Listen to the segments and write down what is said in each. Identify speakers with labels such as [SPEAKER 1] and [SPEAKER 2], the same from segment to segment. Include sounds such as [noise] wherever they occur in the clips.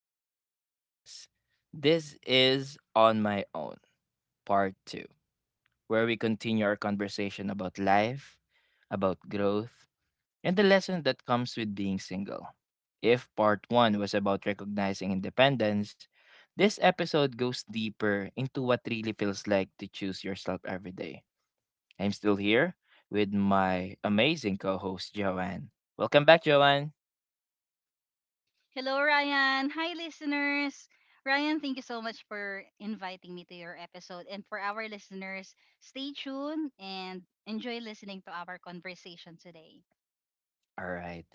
[SPEAKER 1] back to the podcast. This is On My Own, part two, where we continue our conversation about life, about growth, and the lesson that comes with being single. If part one was about recognizing independence, this episode goes deeper into what really feels like to choose yourself every day. I'm still here with my amazing co host, Joanne. Welcome back, Joanne.
[SPEAKER 2] Hello, Ryan. Hi, listeners. Ryan, thank you so much for inviting me to your episode. And for our listeners, stay tuned and enjoy listening to our conversation today.
[SPEAKER 1] All right.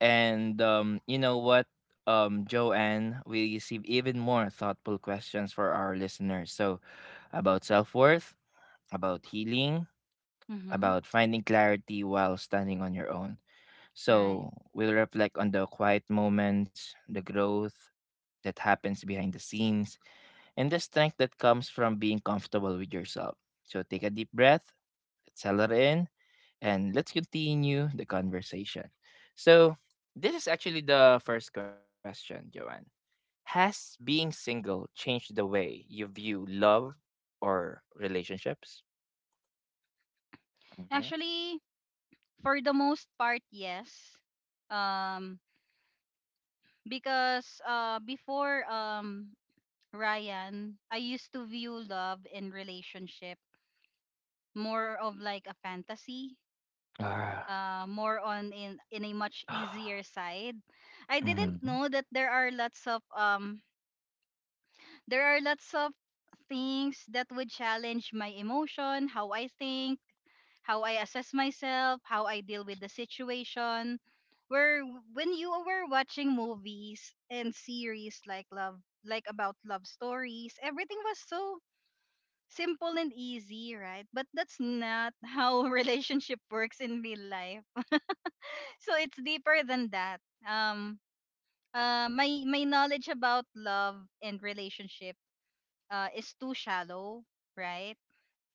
[SPEAKER 1] And you know what, Joanne, we receive even more thoughtful questions for our listeners. So about self worth, about healing,
[SPEAKER 2] Mm-hmm.
[SPEAKER 1] about finding clarity while standing on your own.
[SPEAKER 2] Right.
[SPEAKER 1] So we'll reflect on the quiet moments, the growth that happens behind the scenes, and the strength that comes from being comfortable with yourself. So take a deep breath, settle in, and let's continue the conversation. So, this is actually the first question, Joanne. Has being single changed the way you view love or relationships? Mm-hmm.
[SPEAKER 2] Actually, for the most part, yes. Um, because before Ryan, I used to view love and relationship more of like a fantasy,
[SPEAKER 1] Ah.
[SPEAKER 2] more on in a much easier
[SPEAKER 1] [gasps]
[SPEAKER 2] side. I didn't know
[SPEAKER 1] Mhm.
[SPEAKER 2] that there are lots of there are lots of things that would challenge my emotion, how I think, how I assess myself, how I deal with the situation. When you were watching movies and series like love, like about love stories, everything was so simple and easy, right? But that's not how [laughs] relationship works in real life, so it's deeper than that. Um, my knowledge about love and relationship is too shallow, right?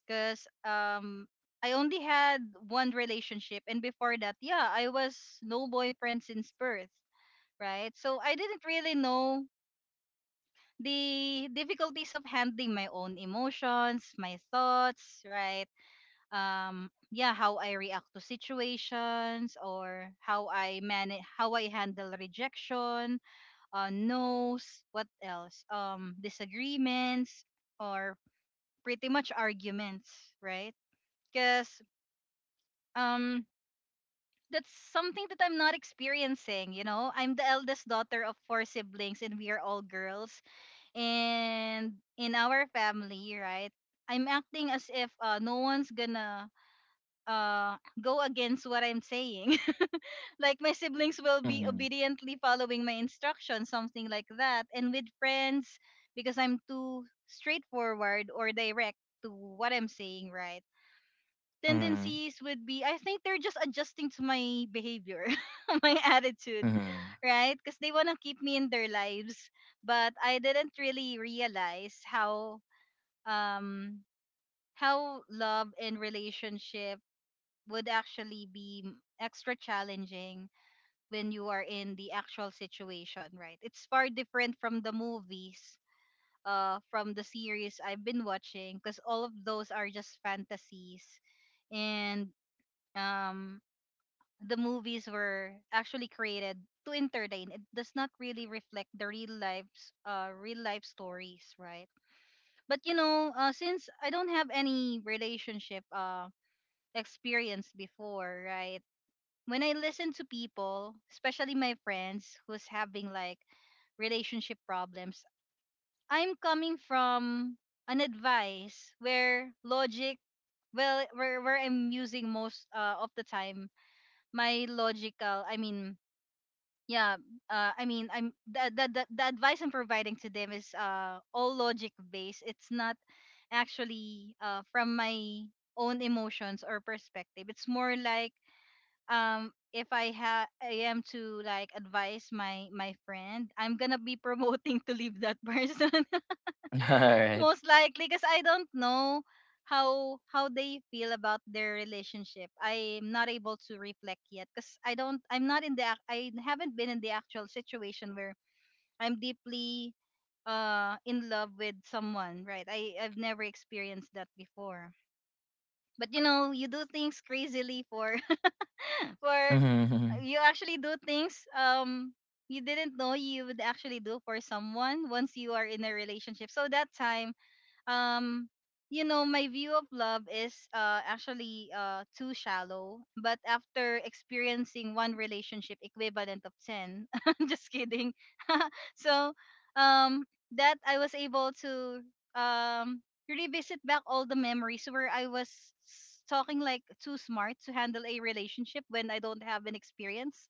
[SPEAKER 2] Because I only had one relationship, and before that, yeah, I was no boyfriend since birth, right? So I didn't really know the difficulties of handling my own emotions, my thoughts, right? Yeah, how I react to situations, or how I handle rejection, no's, what else, disagreements or pretty much arguments, right? because um that's something that I'm not experiencing. You know, I'm the eldest daughter of four siblings and we are all girls, and in our family, right, I'm acting as if no one's gonna uh go against what I'm saying. Like my siblings
[SPEAKER 1] Mhm.
[SPEAKER 2] will be obediently following my instructions, something like that. And with friends, because I'm too straightforward or direct to what I'm saying, right?
[SPEAKER 1] Mhm.
[SPEAKER 2] Tendencies would be, I think they're just adjusting to my behavior, [laughs] my attitude,
[SPEAKER 1] Mhm.
[SPEAKER 2] right? Because they want to keep me in their lives. But I didn't really realize how, um how love and relationship would actually be extra challenging when you are in the actual situation, right? It's far different from the movies, from the series I've been watching, because all of those are just fantasies, and um, the movies were actually created to entertain. It does not really reflect the real lives, real life stories, right? But you know, since I don't have any relationship, experience before, right? When I listen to people, especially my friends who's having like relationship problems, I'm coming from an advice where logic, well, where I'm using most of the time my logical, I mean, yeah, I mean, I'm the advice I'm providing to them is all logic based. It's not actually from my own emotions or perspective. It's more like, if I am to like advise my friend, I'm gonna be [laughs] promoting to leave that person,
[SPEAKER 1] [laughs] All
[SPEAKER 2] [laughs]
[SPEAKER 1] right.
[SPEAKER 2] most likely because I don't know how they feel about their relationship. I'm not able to reflect yet because I'm not in I haven't been in the actual situation where I'm deeply in love with someone, right? I've never experienced that before. But you know, you do things crazily for [laughs] for
[SPEAKER 1] Mhm.
[SPEAKER 2] you actually do things, you didn't know you would actually do for someone once you are in a relationship. So that time, um you know, my view of love is actually too shallow, but after experiencing one relationship equivalent of 10, [laughs] just kidding. [laughs] So, um that I was able to, um revisit back all the memories where I was talking like too smart to handle a relationship when I don't have an experience,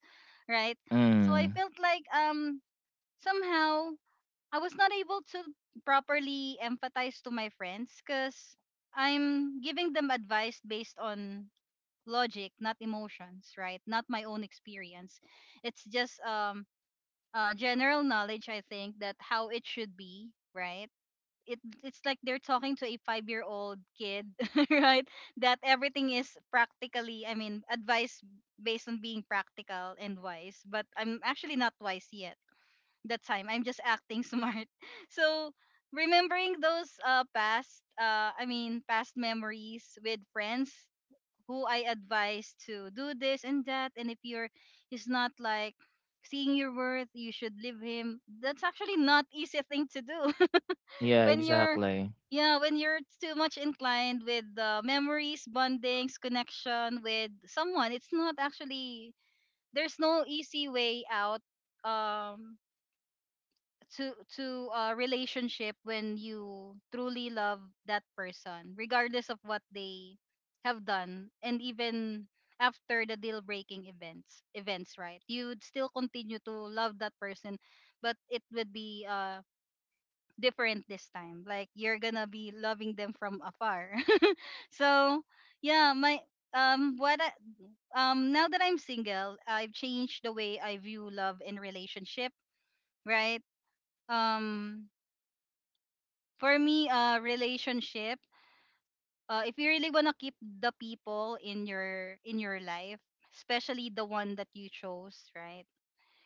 [SPEAKER 2] right? So I
[SPEAKER 1] Mm.
[SPEAKER 2] felt like, somehow I was not able to properly empathize to my friends because I'm giving them advice based on logic, not emotions, right? Not my own experience. It's just general knowledge, I think, that how it should be, right? It's like they're talking to a 5-year old kid, [laughs] right? That everything is practically, I mean, advice based on being practical and wise, but I'm actually not wise yet that time. I'm just acting smart. [laughs] So remembering those past, I mean, past memories with friends who I advise to do this and that, and if you're, it's not like seeing your worth, you should leave him. That's actually not easy thing to do [laughs]
[SPEAKER 1] Yeah,
[SPEAKER 2] when you're.
[SPEAKER 1] exactly.
[SPEAKER 2] Yeah, when you're too much inclined with memories, bondings, connection with someone, it's not actually, there's no easy way out, um to a relationship when you truly love that person regardless of what they have done, and even after the deal breaking events, right? You'd still continue to love that person, but it would be different this time, like you're gonna be loving them from afar. [laughs] So yeah, my, what I, now that I'm single, I've changed the way I view love and relationship, right? um for me, relationship, if you really want to keep the people in your life, especially the one that you chose, right,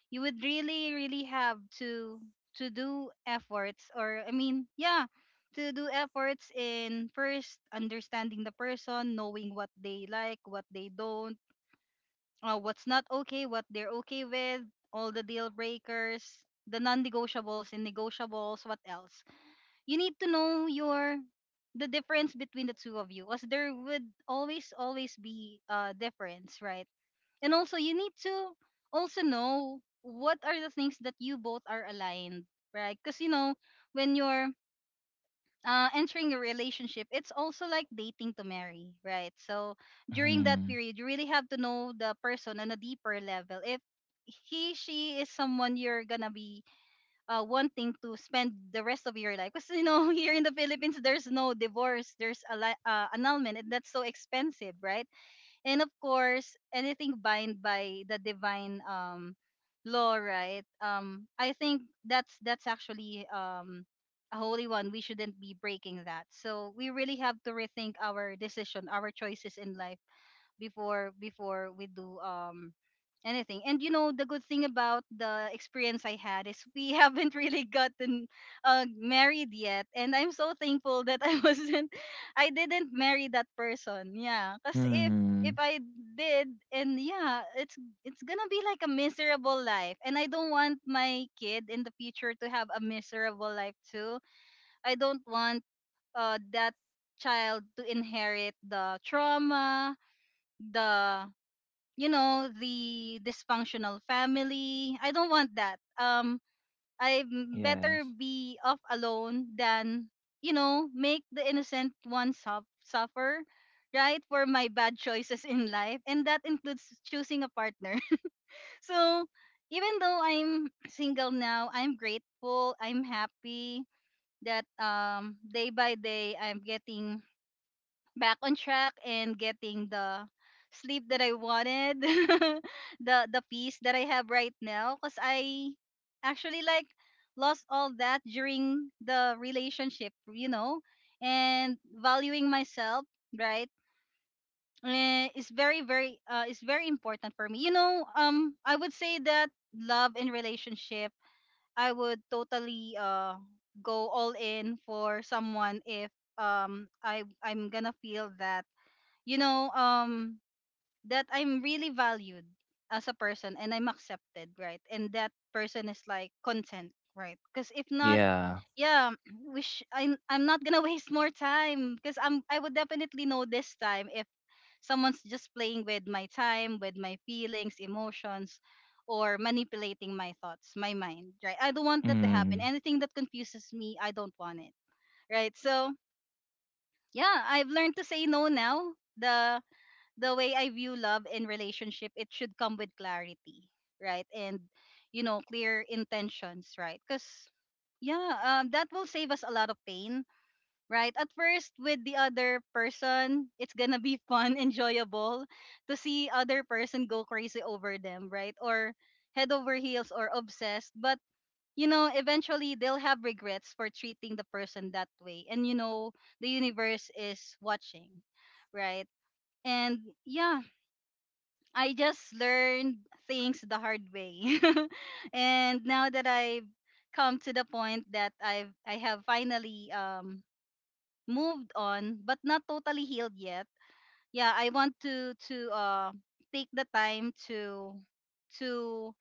[SPEAKER 2] you would really really have to do efforts or I mean yeah, to do efforts in first understanding the person, knowing what they like, what they don't, what's not okay, what they're okay with, all the deal breakers, the non-negotiables and negotiables, what else. You need to know your, the difference between the two of you, because there would always always be a difference, right? And also you need to also know what are the things that you both are aligned, right? Because you know, when you're entering a relationship, it's also like dating to marry, right? So during that
[SPEAKER 1] Mhm.
[SPEAKER 2] period you really have to know the person on a deeper level if he she is someone you're gonna be wanting to spend the rest of your life. Because you know, [laughs] here in the Philippines, there's no divorce, there's annulment, and that's so expensive, right? And of course, anything bind by the divine law, right? I think that's actually, a holy one. We shouldn't be breaking that. So we really have to rethink our decision, our choices in life before we do anything. And you know, the good thing about the experience I had is we [laughs] haven't really gotten married yet, and I'm so thankful that I wasn't, [laughs] I didn't marry that person. Yeah, because if
[SPEAKER 1] Mhm.
[SPEAKER 2] I did, and yeah, it's gonna be like a miserable life, and I don't want my kid in the future to have a miserable life too. I don't want that child to inherit the trauma, the, you know, the dysfunctional family. I don't want that. I better
[SPEAKER 1] Yes.
[SPEAKER 2] be off alone than, you know, make the innocent one suffer, right, for my bad choices in life, and that includes choosing a partner. [laughs] So even though I'm single now, I'm grateful, I'm happy that, day by day I'm getting back on track and getting the sleep that I wanted, [laughs] the peace that I have right now. Cause I actually like lost all that during the relationship, you know, and valuing myself, right? Eh, is very very is very important for me. You know, I would say that love and relationship, I would totally go all in for someone if, I'm gonna feel that, you know, that I'm really valued as a person and I'm accepted, right? And that person is like content, right? Because if not,
[SPEAKER 1] Yeah.
[SPEAKER 2] yeah, [clears throat] wish I'm not gonna [laughs] waste more time because I would definitely know this time if someone's just playing with my time, with my feelings, emotions, or manipulating my thoughts, my mind, right? I don't want that to happen.
[SPEAKER 1] Mm.
[SPEAKER 2] Anything that confuses me, I don't want it, right? So yeah, I've learned to say no now. The way I view love and relationship, it should come with clarity, right? And you know, clear intentions, right? Because yeah, that will save us a lot of pain, right? At first, with the other person, it's gonna be fun, [laughs] enjoyable to see other person go crazy over them, right? Or head over heels or obsessed, but you know, eventually they'll have regrets for treating the person that way, and you know, the universe is watching, right? And yeah, I just learned things the hard way. [laughs] And now that I've come to the point that I have finally, moved on, but not totally healed yet. Yeah, I want to take the time to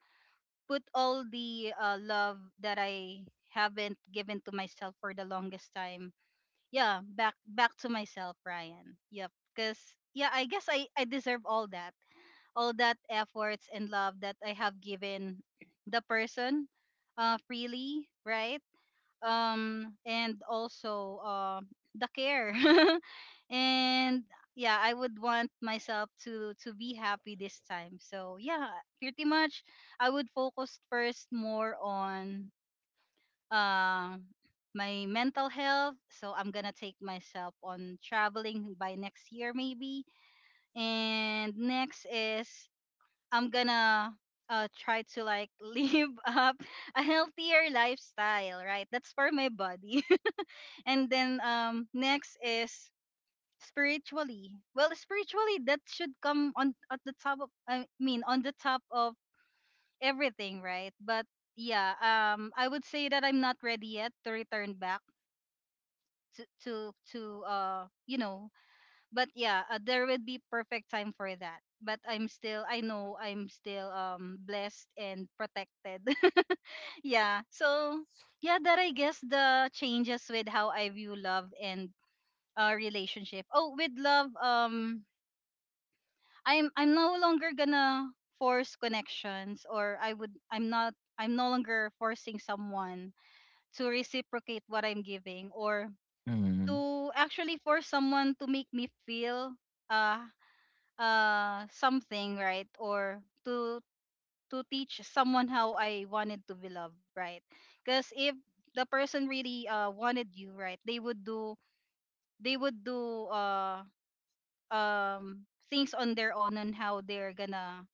[SPEAKER 2] put all the love that I haven't given to myself for the longest time. Yeah, back to myself, Ryan. Yep, cuz yeah, I guess I deserve all that efforts and love that I have given the person freely, right? And also the care. [laughs] And yeah, I would want myself to be happy this time. So yeah, pretty much I would focus first more on uh, my mental health. So I'm gonna take myself on traveling by next year maybe. And next is I'm gonna try to like [laughs] live up a healthier lifestyle, right? That's for my body. [laughs] And then next is spiritually. Well, spiritually that should come on at the top of I mean, on the top of everything, right? But yeah, I would say that I'm not ready yet to return back to. But yeah, there will be perfect time for that. But I know I'm still blessed and protected. [laughs] Yeah. So yeah, that I guess the changes with how I view love and relationship. Oh, with love, I'm no longer gonna force connections, or I'm not I'm no longer forcing someone to reciprocate what I'm giving, or
[SPEAKER 1] Mm.
[SPEAKER 2] to actually force someone to make me feel uh something right or to teach someone how I wanted to be loved, right? Because if the person really wanted you, right, they would do they would do um things on their own on how they're gonna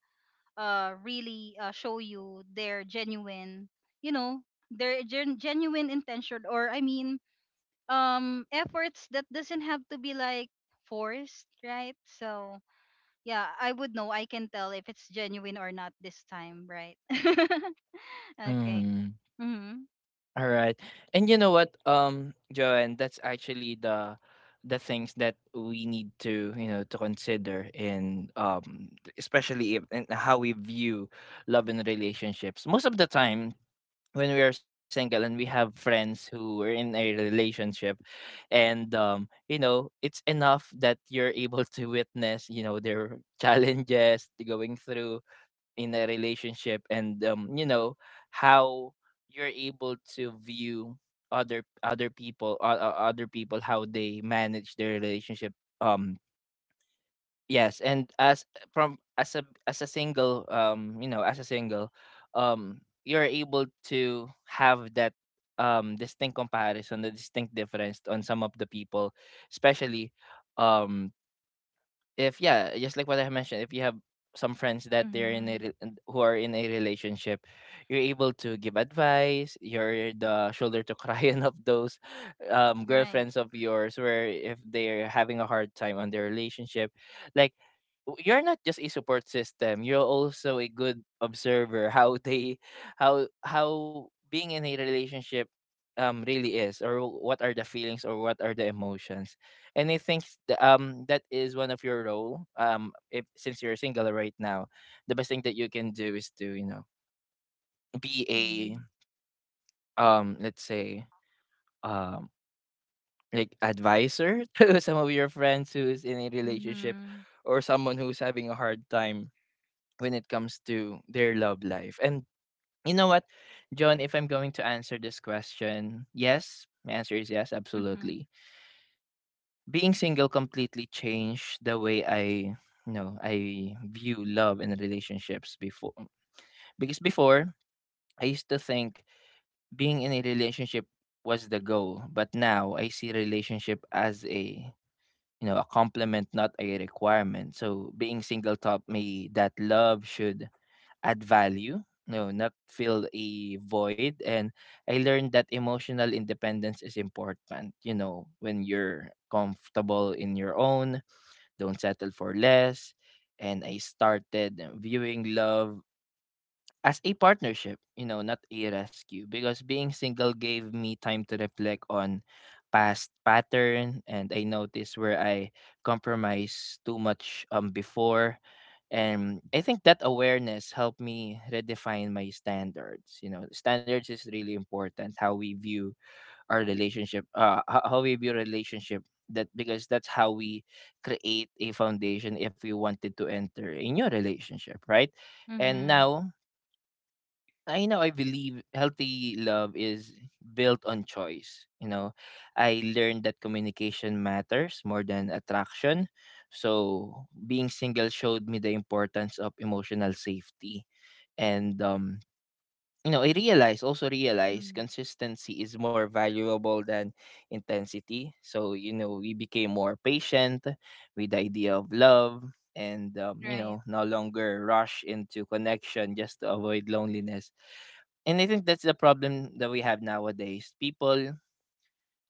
[SPEAKER 2] really show you their genuine you know their genuine intention, or I mean, efforts that doesn't have to be like forced, right? So yeah, I would know. I can tell if it's genuine or not this time, right? [laughs] Okay.
[SPEAKER 1] Mm.
[SPEAKER 2] Mhm.
[SPEAKER 1] All right. And Joanne, that's actually the things that we need to consider in, t- especially if, in how we view love and relationships. Most of the time when we are single and we have friends who are in a relationship, and it's enough that you're able to witness, their [laughs] challenges they're going through in a relationship. And how you're able to view other people how they manage their relationship. um yes. And as a single, as a single, um you're able to have that distinct comparison, the distinct difference on some of the people, especially, um if, yeah, just like what I mentioned, if you have some friends that they're
[SPEAKER 2] Mhm.
[SPEAKER 1] and who are in a relationship. You're able to give advice. You're the shoulder to [laughs] cry on of those,
[SPEAKER 2] Right.
[SPEAKER 1] girlfriends of yours, where if they're having a hard time on their relationship, like, you're not just a support system, you're also a good observer how they, how being in a relationship really is, or what are the feelings or what are the emotions. And I think that is one of your role. If since you're single right now, the best thing that you can do is to, be a,
[SPEAKER 2] Mhm.
[SPEAKER 1] let's say, um like, advisor [laughs] to some of your friends who's in a relationship,
[SPEAKER 2] Mhm.
[SPEAKER 1] or someone who's having a hard time when it comes to their love life. And you know what, John, if I'm going to answer this question, yes, my answer is yes,
[SPEAKER 2] Mhm.
[SPEAKER 1] absolutely. Being single completely changed the way I you know I view love and relationships before. Because before, I used to think being in a relationship was the goal, but now I see relationship as a you know a complement, not a requirement. So being single taught me that love should add value, no, not fill a void. And I learned that emotional independence is important. When you're comfortable in your own, don't settle for less. And I started viewing love as a partnership, not a rescue. Because being single gave me time to reflect on past pattern, and I noticed where I compromised too much before. And I think that awareness helped me redefine my standards. Standards is really important. How we view our relationship, how we view relationship. That Because that's how we create a foundation if we wanted to enter a new relationship, right? And
[SPEAKER 2] Mhm.
[SPEAKER 1] now I know, I believe healthy love is built on choice. I learned that communication matters more than attraction. So being single showed me the importance of emotional safety. And I realize also realize
[SPEAKER 2] Mhm.
[SPEAKER 1] consistency is more valuable than intensity. We became more patient with the idea of love, and
[SPEAKER 2] Right.
[SPEAKER 1] no longer rush into connection just to avoid loneliness. And I think that's the problem that we have nowadays. People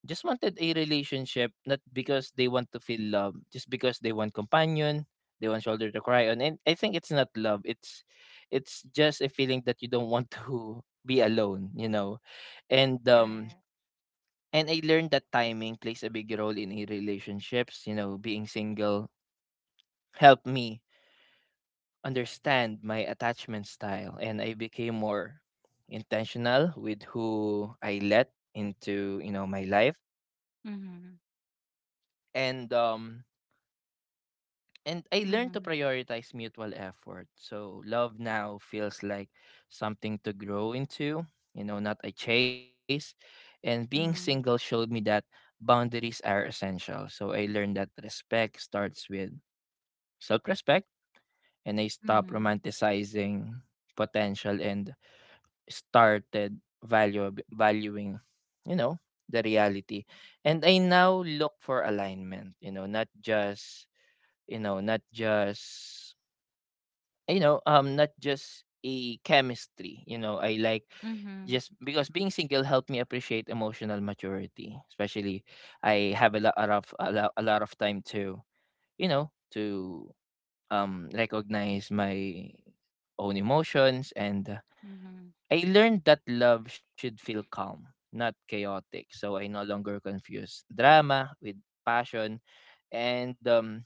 [SPEAKER 1] just wanted a relationship, not because they want to feel love, just because they want companion, they want shoulder to cry on, and I think it's not love. It's just a feeling that you don't want to [laughs] be alone, and um
[SPEAKER 2] Correct.
[SPEAKER 1] and I learned that timing plays a big role in a relationships. Being single helped me understand my attachment style, and I became more intentional with who I let into, my life.
[SPEAKER 2] Mhm.
[SPEAKER 1] And and I learned to
[SPEAKER 2] Mhm.
[SPEAKER 1] prioritize mutual effort. So love now feels like something to grow into, not a chase. And being single
[SPEAKER 2] Mhm.
[SPEAKER 1] showed me that boundaries are essential. So I learned that respect starts with self respect. And I stopped
[SPEAKER 2] Mhm.
[SPEAKER 1] romanticizing potential, and started valuing, you know, the reality. And I now look for alignment, not just, not just, not just a chemistry. You know, I like
[SPEAKER 2] Mhm.
[SPEAKER 1] Just because being single helped me appreciate emotional maturity. Especially, I have a lot of a lot of time to, you know to recognize my own emotions. And
[SPEAKER 2] Mhm.
[SPEAKER 1] I learned that love should feel calm, not chaotic. So I no longer confuse drama with passion. And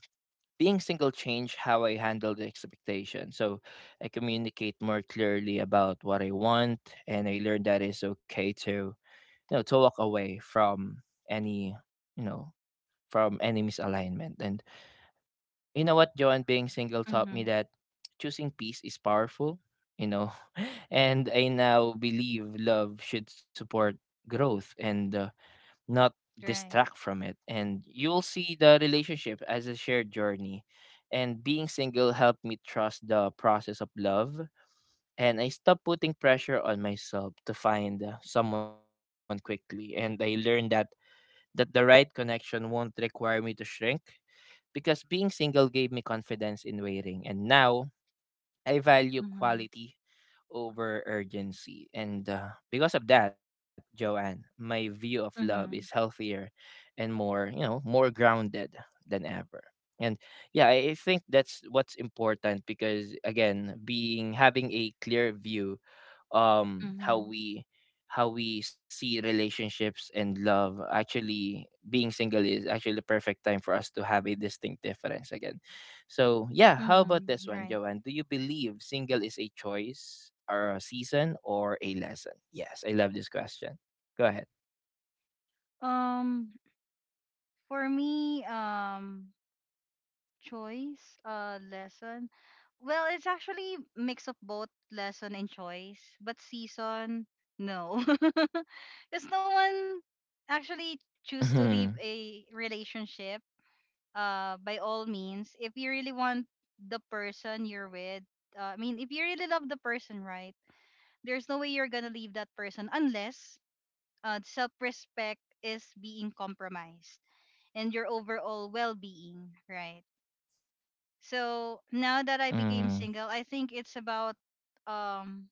[SPEAKER 1] being single changed how I handled the expectation. So I communicate more clearly about what I want, and I learned that it's okay to, walk away from any, you know misalignment. And you know what, Joan, being single taught me
[SPEAKER 2] Mhm.
[SPEAKER 1] that choosing peace is powerful. You know, [laughs] and I now believe love should support growth, and not
[SPEAKER 2] Right.
[SPEAKER 1] distract from it. And you'll see the relationship as a shared journey. And being single helped me trust the process of love. And I stopped putting pressure on myself to find someone quickly. And I learned that the right connection won't require me to shrink. Because being single gave me confidence in waiting. And now I value
[SPEAKER 2] Mhm.
[SPEAKER 1] quality over urgency. And because of that, Joanne, my view of love is
[SPEAKER 2] Mhm.
[SPEAKER 1] healthier and more grounded than ever. And yeah, I think that's what's important. Because again, being having a clear view, um how
[SPEAKER 2] Mhm.
[SPEAKER 1] we how we see relationships and love. Actually, being single is actually the perfect time for us to have a distinct difference again. So, yeah, how about
[SPEAKER 2] Mhm.
[SPEAKER 1] this one,
[SPEAKER 2] Right.
[SPEAKER 1] Joanne? Do you believe single is a choice or a season or a lesson? Yes, I love this question. Go ahead.
[SPEAKER 2] Um, for me, choice lesson, well it's actually mix of both lesson and choice, but season no [laughs] because no one actually choose to leave
[SPEAKER 1] Mhm,
[SPEAKER 2] a relationship. By all means, if you really want the person you're with, I mean, if you really love the person, right, there's no way you're gonna leave that person unless self-respect is being compromised and your overall well-being, right? So now that I became
[SPEAKER 1] mhm,
[SPEAKER 2] single, I think it's about um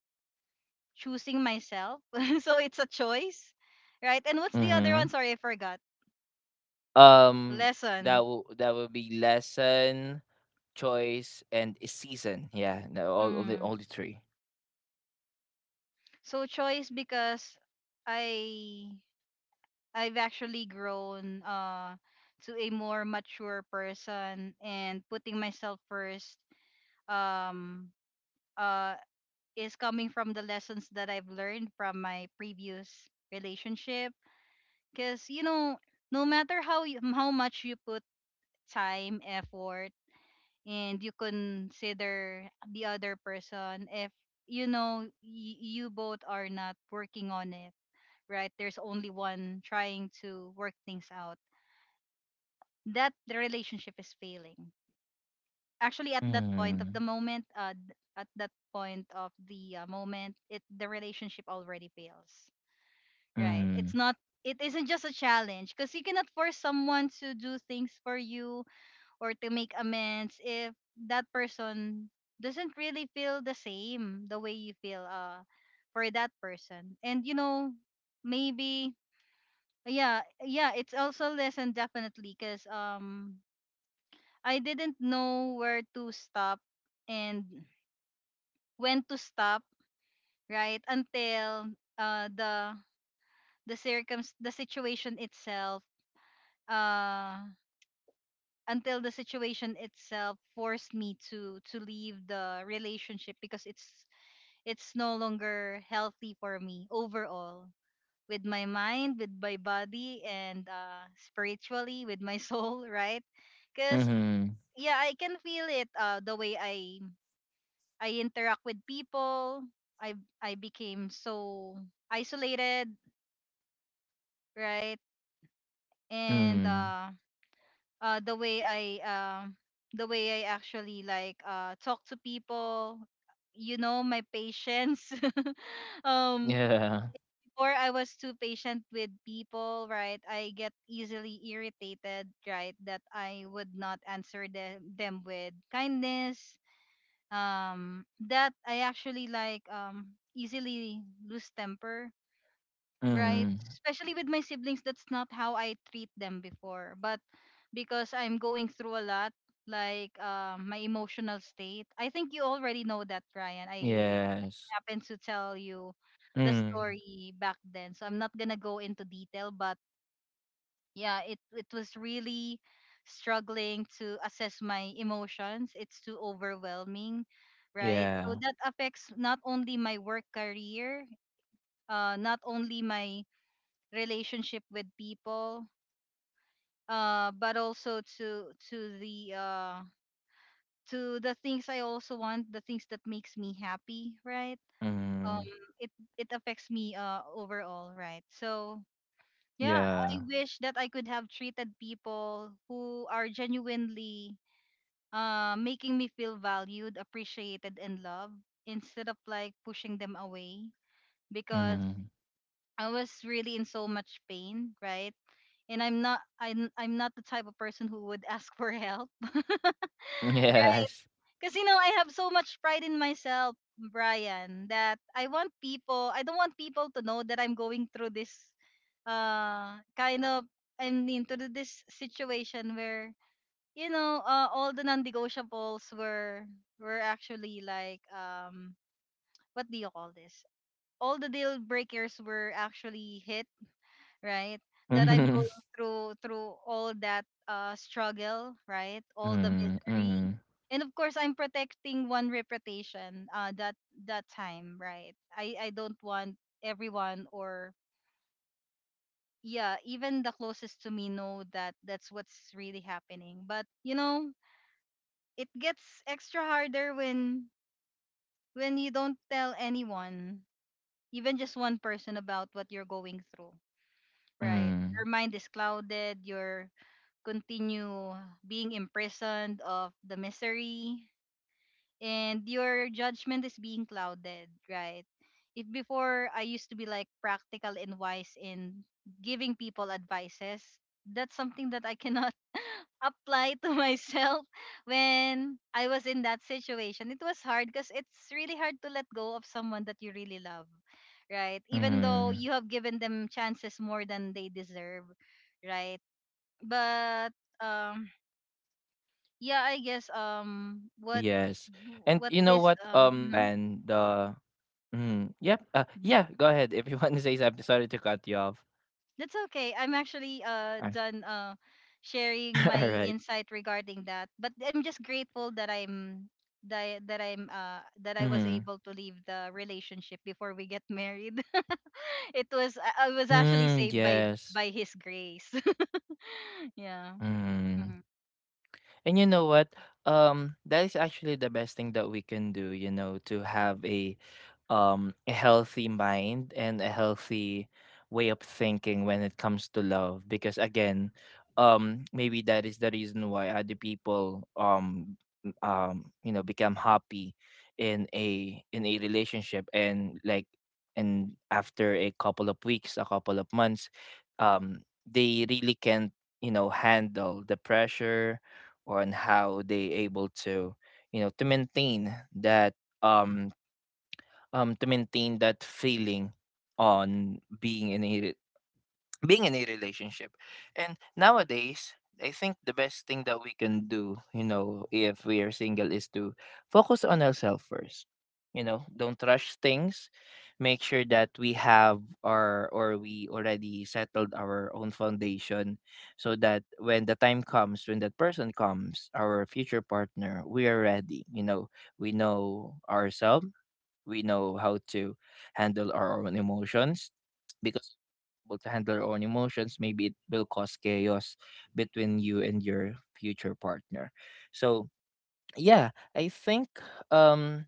[SPEAKER 2] choosing myself. [laughs] So it's a choice, right? And what's the other
[SPEAKER 1] mhm.
[SPEAKER 2] one? Sorry, I forgot.
[SPEAKER 1] Um,
[SPEAKER 2] Lesson.
[SPEAKER 1] that will be lesson, choice, and a season. Yeah, no, all, all
[SPEAKER 2] Mm.
[SPEAKER 1] the all the three.
[SPEAKER 2] So choice because I I've actually grown to a more mature person, and putting myself first um uh is coming from the lessons that I've learned from my previous relationship. Because you know, no matter how you, how much you put time, effort, and you consider the other person, if you know you both are not working on it, right, there's only one trying to work things out, that the relationship is failing. Actually at that point of the
[SPEAKER 1] Mm,
[SPEAKER 2] moment, th- at that point of the moment it, the relationship already fails.
[SPEAKER 1] mm,
[SPEAKER 2] Right. It's not, it isn't just a challenge because you cannot force someone to do things for you or to make amends if that person doesn't really feel the same the way you feel for that person. And you know, maybe yeah, yeah, it's also lesson definitely because I didn't know where to stop and when to stop, right? Until uh the the situation itself, uh until the situation itself forced me to leave the relationship because it's no longer healthy for me overall, with my mind, with my body, and spiritually with my [laughs] soul, right? Because
[SPEAKER 1] mm,
[SPEAKER 2] yeah, I can feel it, the way I interact with people, i I became so isolated, right? And
[SPEAKER 1] mm.
[SPEAKER 2] uh the way I um the way I actually like talk to people, you know, my patience. [laughs] um
[SPEAKER 1] Yeah.
[SPEAKER 2] Before I was too patient with people, right? I get easily irritated, right? That I would not answer them with kindness. That I actually like easily lose temper, right?
[SPEAKER 1] Mm.
[SPEAKER 2] Especially with my siblings, that's not how I treat them before. But because I'm going through a lot, like my emotional state, I think you already know that, Ryan. I
[SPEAKER 1] Yes.
[SPEAKER 2] happened to tell you the
[SPEAKER 1] Mm.
[SPEAKER 2] story back then, so I'm not gonna go into detail. But yeah, it was really struggling to assess my emotions. It's too overwhelming. Right, so
[SPEAKER 1] Yeah.
[SPEAKER 2] that affects not only my work career, not only my relationship with people, but also to the things I also want, the things that makes me happy, right? um
[SPEAKER 1] Mm.
[SPEAKER 2] it it affects me overall, right? So yeah, I
[SPEAKER 1] Yeah.
[SPEAKER 2] wish that I could have treated people who are genuinely making me feel valued, appreciated, and loved, instead of like pushing them away because
[SPEAKER 1] Mm.
[SPEAKER 2] I was really in so much pain, right? And I'm not I'm not the type of person who would [laughs] ask for help. [laughs]
[SPEAKER 1] [laughs] Yes.
[SPEAKER 2] Cause you know, I have so much pride in myself, Brian, that I don't want people to know that I'm going through this kind of, I'm into this situation where, you know, all the non negotiables were actually like what do you call this? All the deal breakers were actually hit, right? That I'm
[SPEAKER 1] Mhm.
[SPEAKER 2] going through all that struggle, right? All the
[SPEAKER 1] Mm,
[SPEAKER 2] misery.
[SPEAKER 1] mm,
[SPEAKER 2] And of course I'm protecting one reputation that that time, right? I don't want everyone, or yeah, even the closest to me know that that's what's really happening. But you know, it gets extra harder when you don't tell anyone, even just one person about what you're going through, right?
[SPEAKER 1] mm,
[SPEAKER 2] Your mind is clouded. You're continue being imprisoned of the misery, and your judgment is being clouded, right? If before I used to be like practical and wise in giving people advices, that's something that I cannot [laughs] apply to myself when I was in that situation. It was hard because it's really hard to let go of someone that you really love, right? Even though
[SPEAKER 1] mm.
[SPEAKER 2] you have given them chances more than they deserve, right? But um yeah, I guess
[SPEAKER 1] Yes. And you know what,
[SPEAKER 2] what this mhm.
[SPEAKER 1] Joanne, the mm, yep,
[SPEAKER 2] Mhm.
[SPEAKER 1] yeah, go ahead if you [laughs] want to say something. Sorry to cut you off.
[SPEAKER 2] That's okay, I'm actually
[SPEAKER 1] Uh,
[SPEAKER 2] done sharing
[SPEAKER 1] [laughs]
[SPEAKER 2] my
[SPEAKER 1] All right.
[SPEAKER 2] insight regarding that, but I'm just grateful that I'm that I was
[SPEAKER 1] Mm,
[SPEAKER 2] able to leave the relationship before we get married. [laughs] it was I was actually
[SPEAKER 1] mm,
[SPEAKER 2] saved
[SPEAKER 1] yes.
[SPEAKER 2] by his grace. [laughs] Yeah. Mm
[SPEAKER 1] Mm.
[SPEAKER 2] hmm.
[SPEAKER 1] And you know what? That is actually the best thing that we can do, you know, to have a, a healthy mind and a healthy way of thinking when it comes to love. Because again, maybe that is the reason why other people, become happy in a relationship, and after a couple of weeks, a couple of months, um they really can't, handle the pressure, or on how they able to, maintain um that feeling on being in a relationship. And nowadays, I think the best thing that we can do, if we are single is to focus on ourselves first. You know, don't rush things. Make sure that we already settled our own foundation, so that when the time comes, when that person comes, our future partner, we are ready. You know, we know ourselves, we know how to handle our own emotions. Because able to handle our own emotions, maybe it will cause chaos between you and your future partner. So yeah, I think, um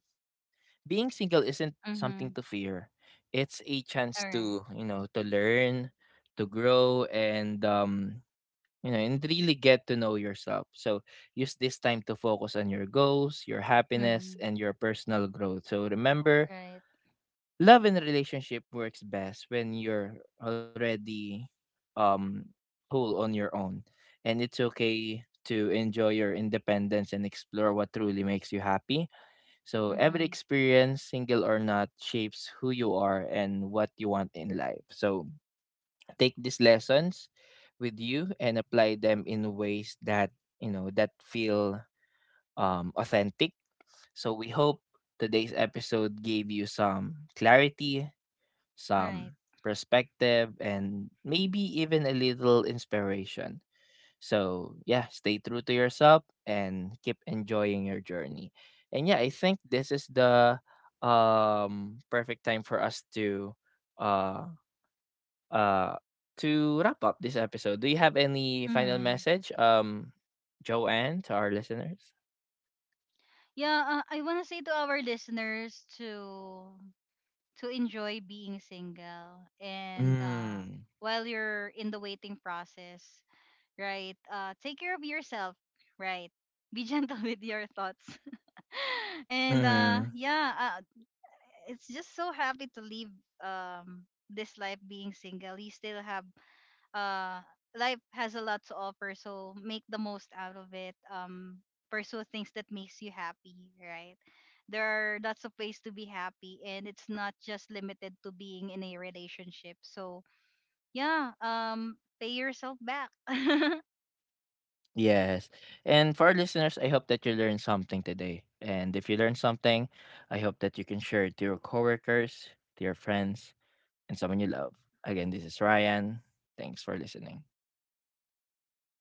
[SPEAKER 1] being single isn't
[SPEAKER 2] Mm-hmm.
[SPEAKER 1] something to fear. It's a
[SPEAKER 2] All
[SPEAKER 1] chance
[SPEAKER 2] right.
[SPEAKER 1] to, learn, to grow, and and really get to know yourself. So use this time to focus on your goals, your happiness,
[SPEAKER 2] Mm-hmm.
[SPEAKER 1] and your personal growth. So remember,
[SPEAKER 2] Right.
[SPEAKER 1] love in a relationship works best when you're already, um whole on your own. And it's okay to enjoy your independence and explore what truly makes you happy. So every
[SPEAKER 2] Mm-hmm.
[SPEAKER 1] experience, single or not, shapes who you are and what you want in life. So take these lessons with you and apply them in ways that, that feel, authentic. So we hope today's episode gave you some clarity,
[SPEAKER 2] Right.
[SPEAKER 1] some perspective, and maybe even a little inspiration. So, yeah, stay true to yourself and keep enjoying your journey. And yeah, I think this is the, perfect time for us uh uh to wrap up this episode. Do you have any final
[SPEAKER 2] Mm-hmm.
[SPEAKER 1] message, Joanne, to our listeners?
[SPEAKER 2] Yeah, I want to say to our listeners to enjoy being single, and
[SPEAKER 1] Mm.
[SPEAKER 2] while you're in the waiting process, right? Take care of yourself, right? Be gentle [laughs] with your thoughts, [laughs] and
[SPEAKER 1] Mhm.
[SPEAKER 2] it's just so happy to live this life being single. You still have uh life has a lot to offer, so make the most out of it. Pursue things that makes you happy, right? There are lots of ways to be happy, and it's not just limited to being in a relationship. So yeah, pay yourself back. [laughs]
[SPEAKER 1] Yes. And for our listeners, I hope that you learned something today. And if you learned something, I hope that you can share it to your coworkers, to your friends, and someone you love. Again, this is Ryan. Thanks for listening.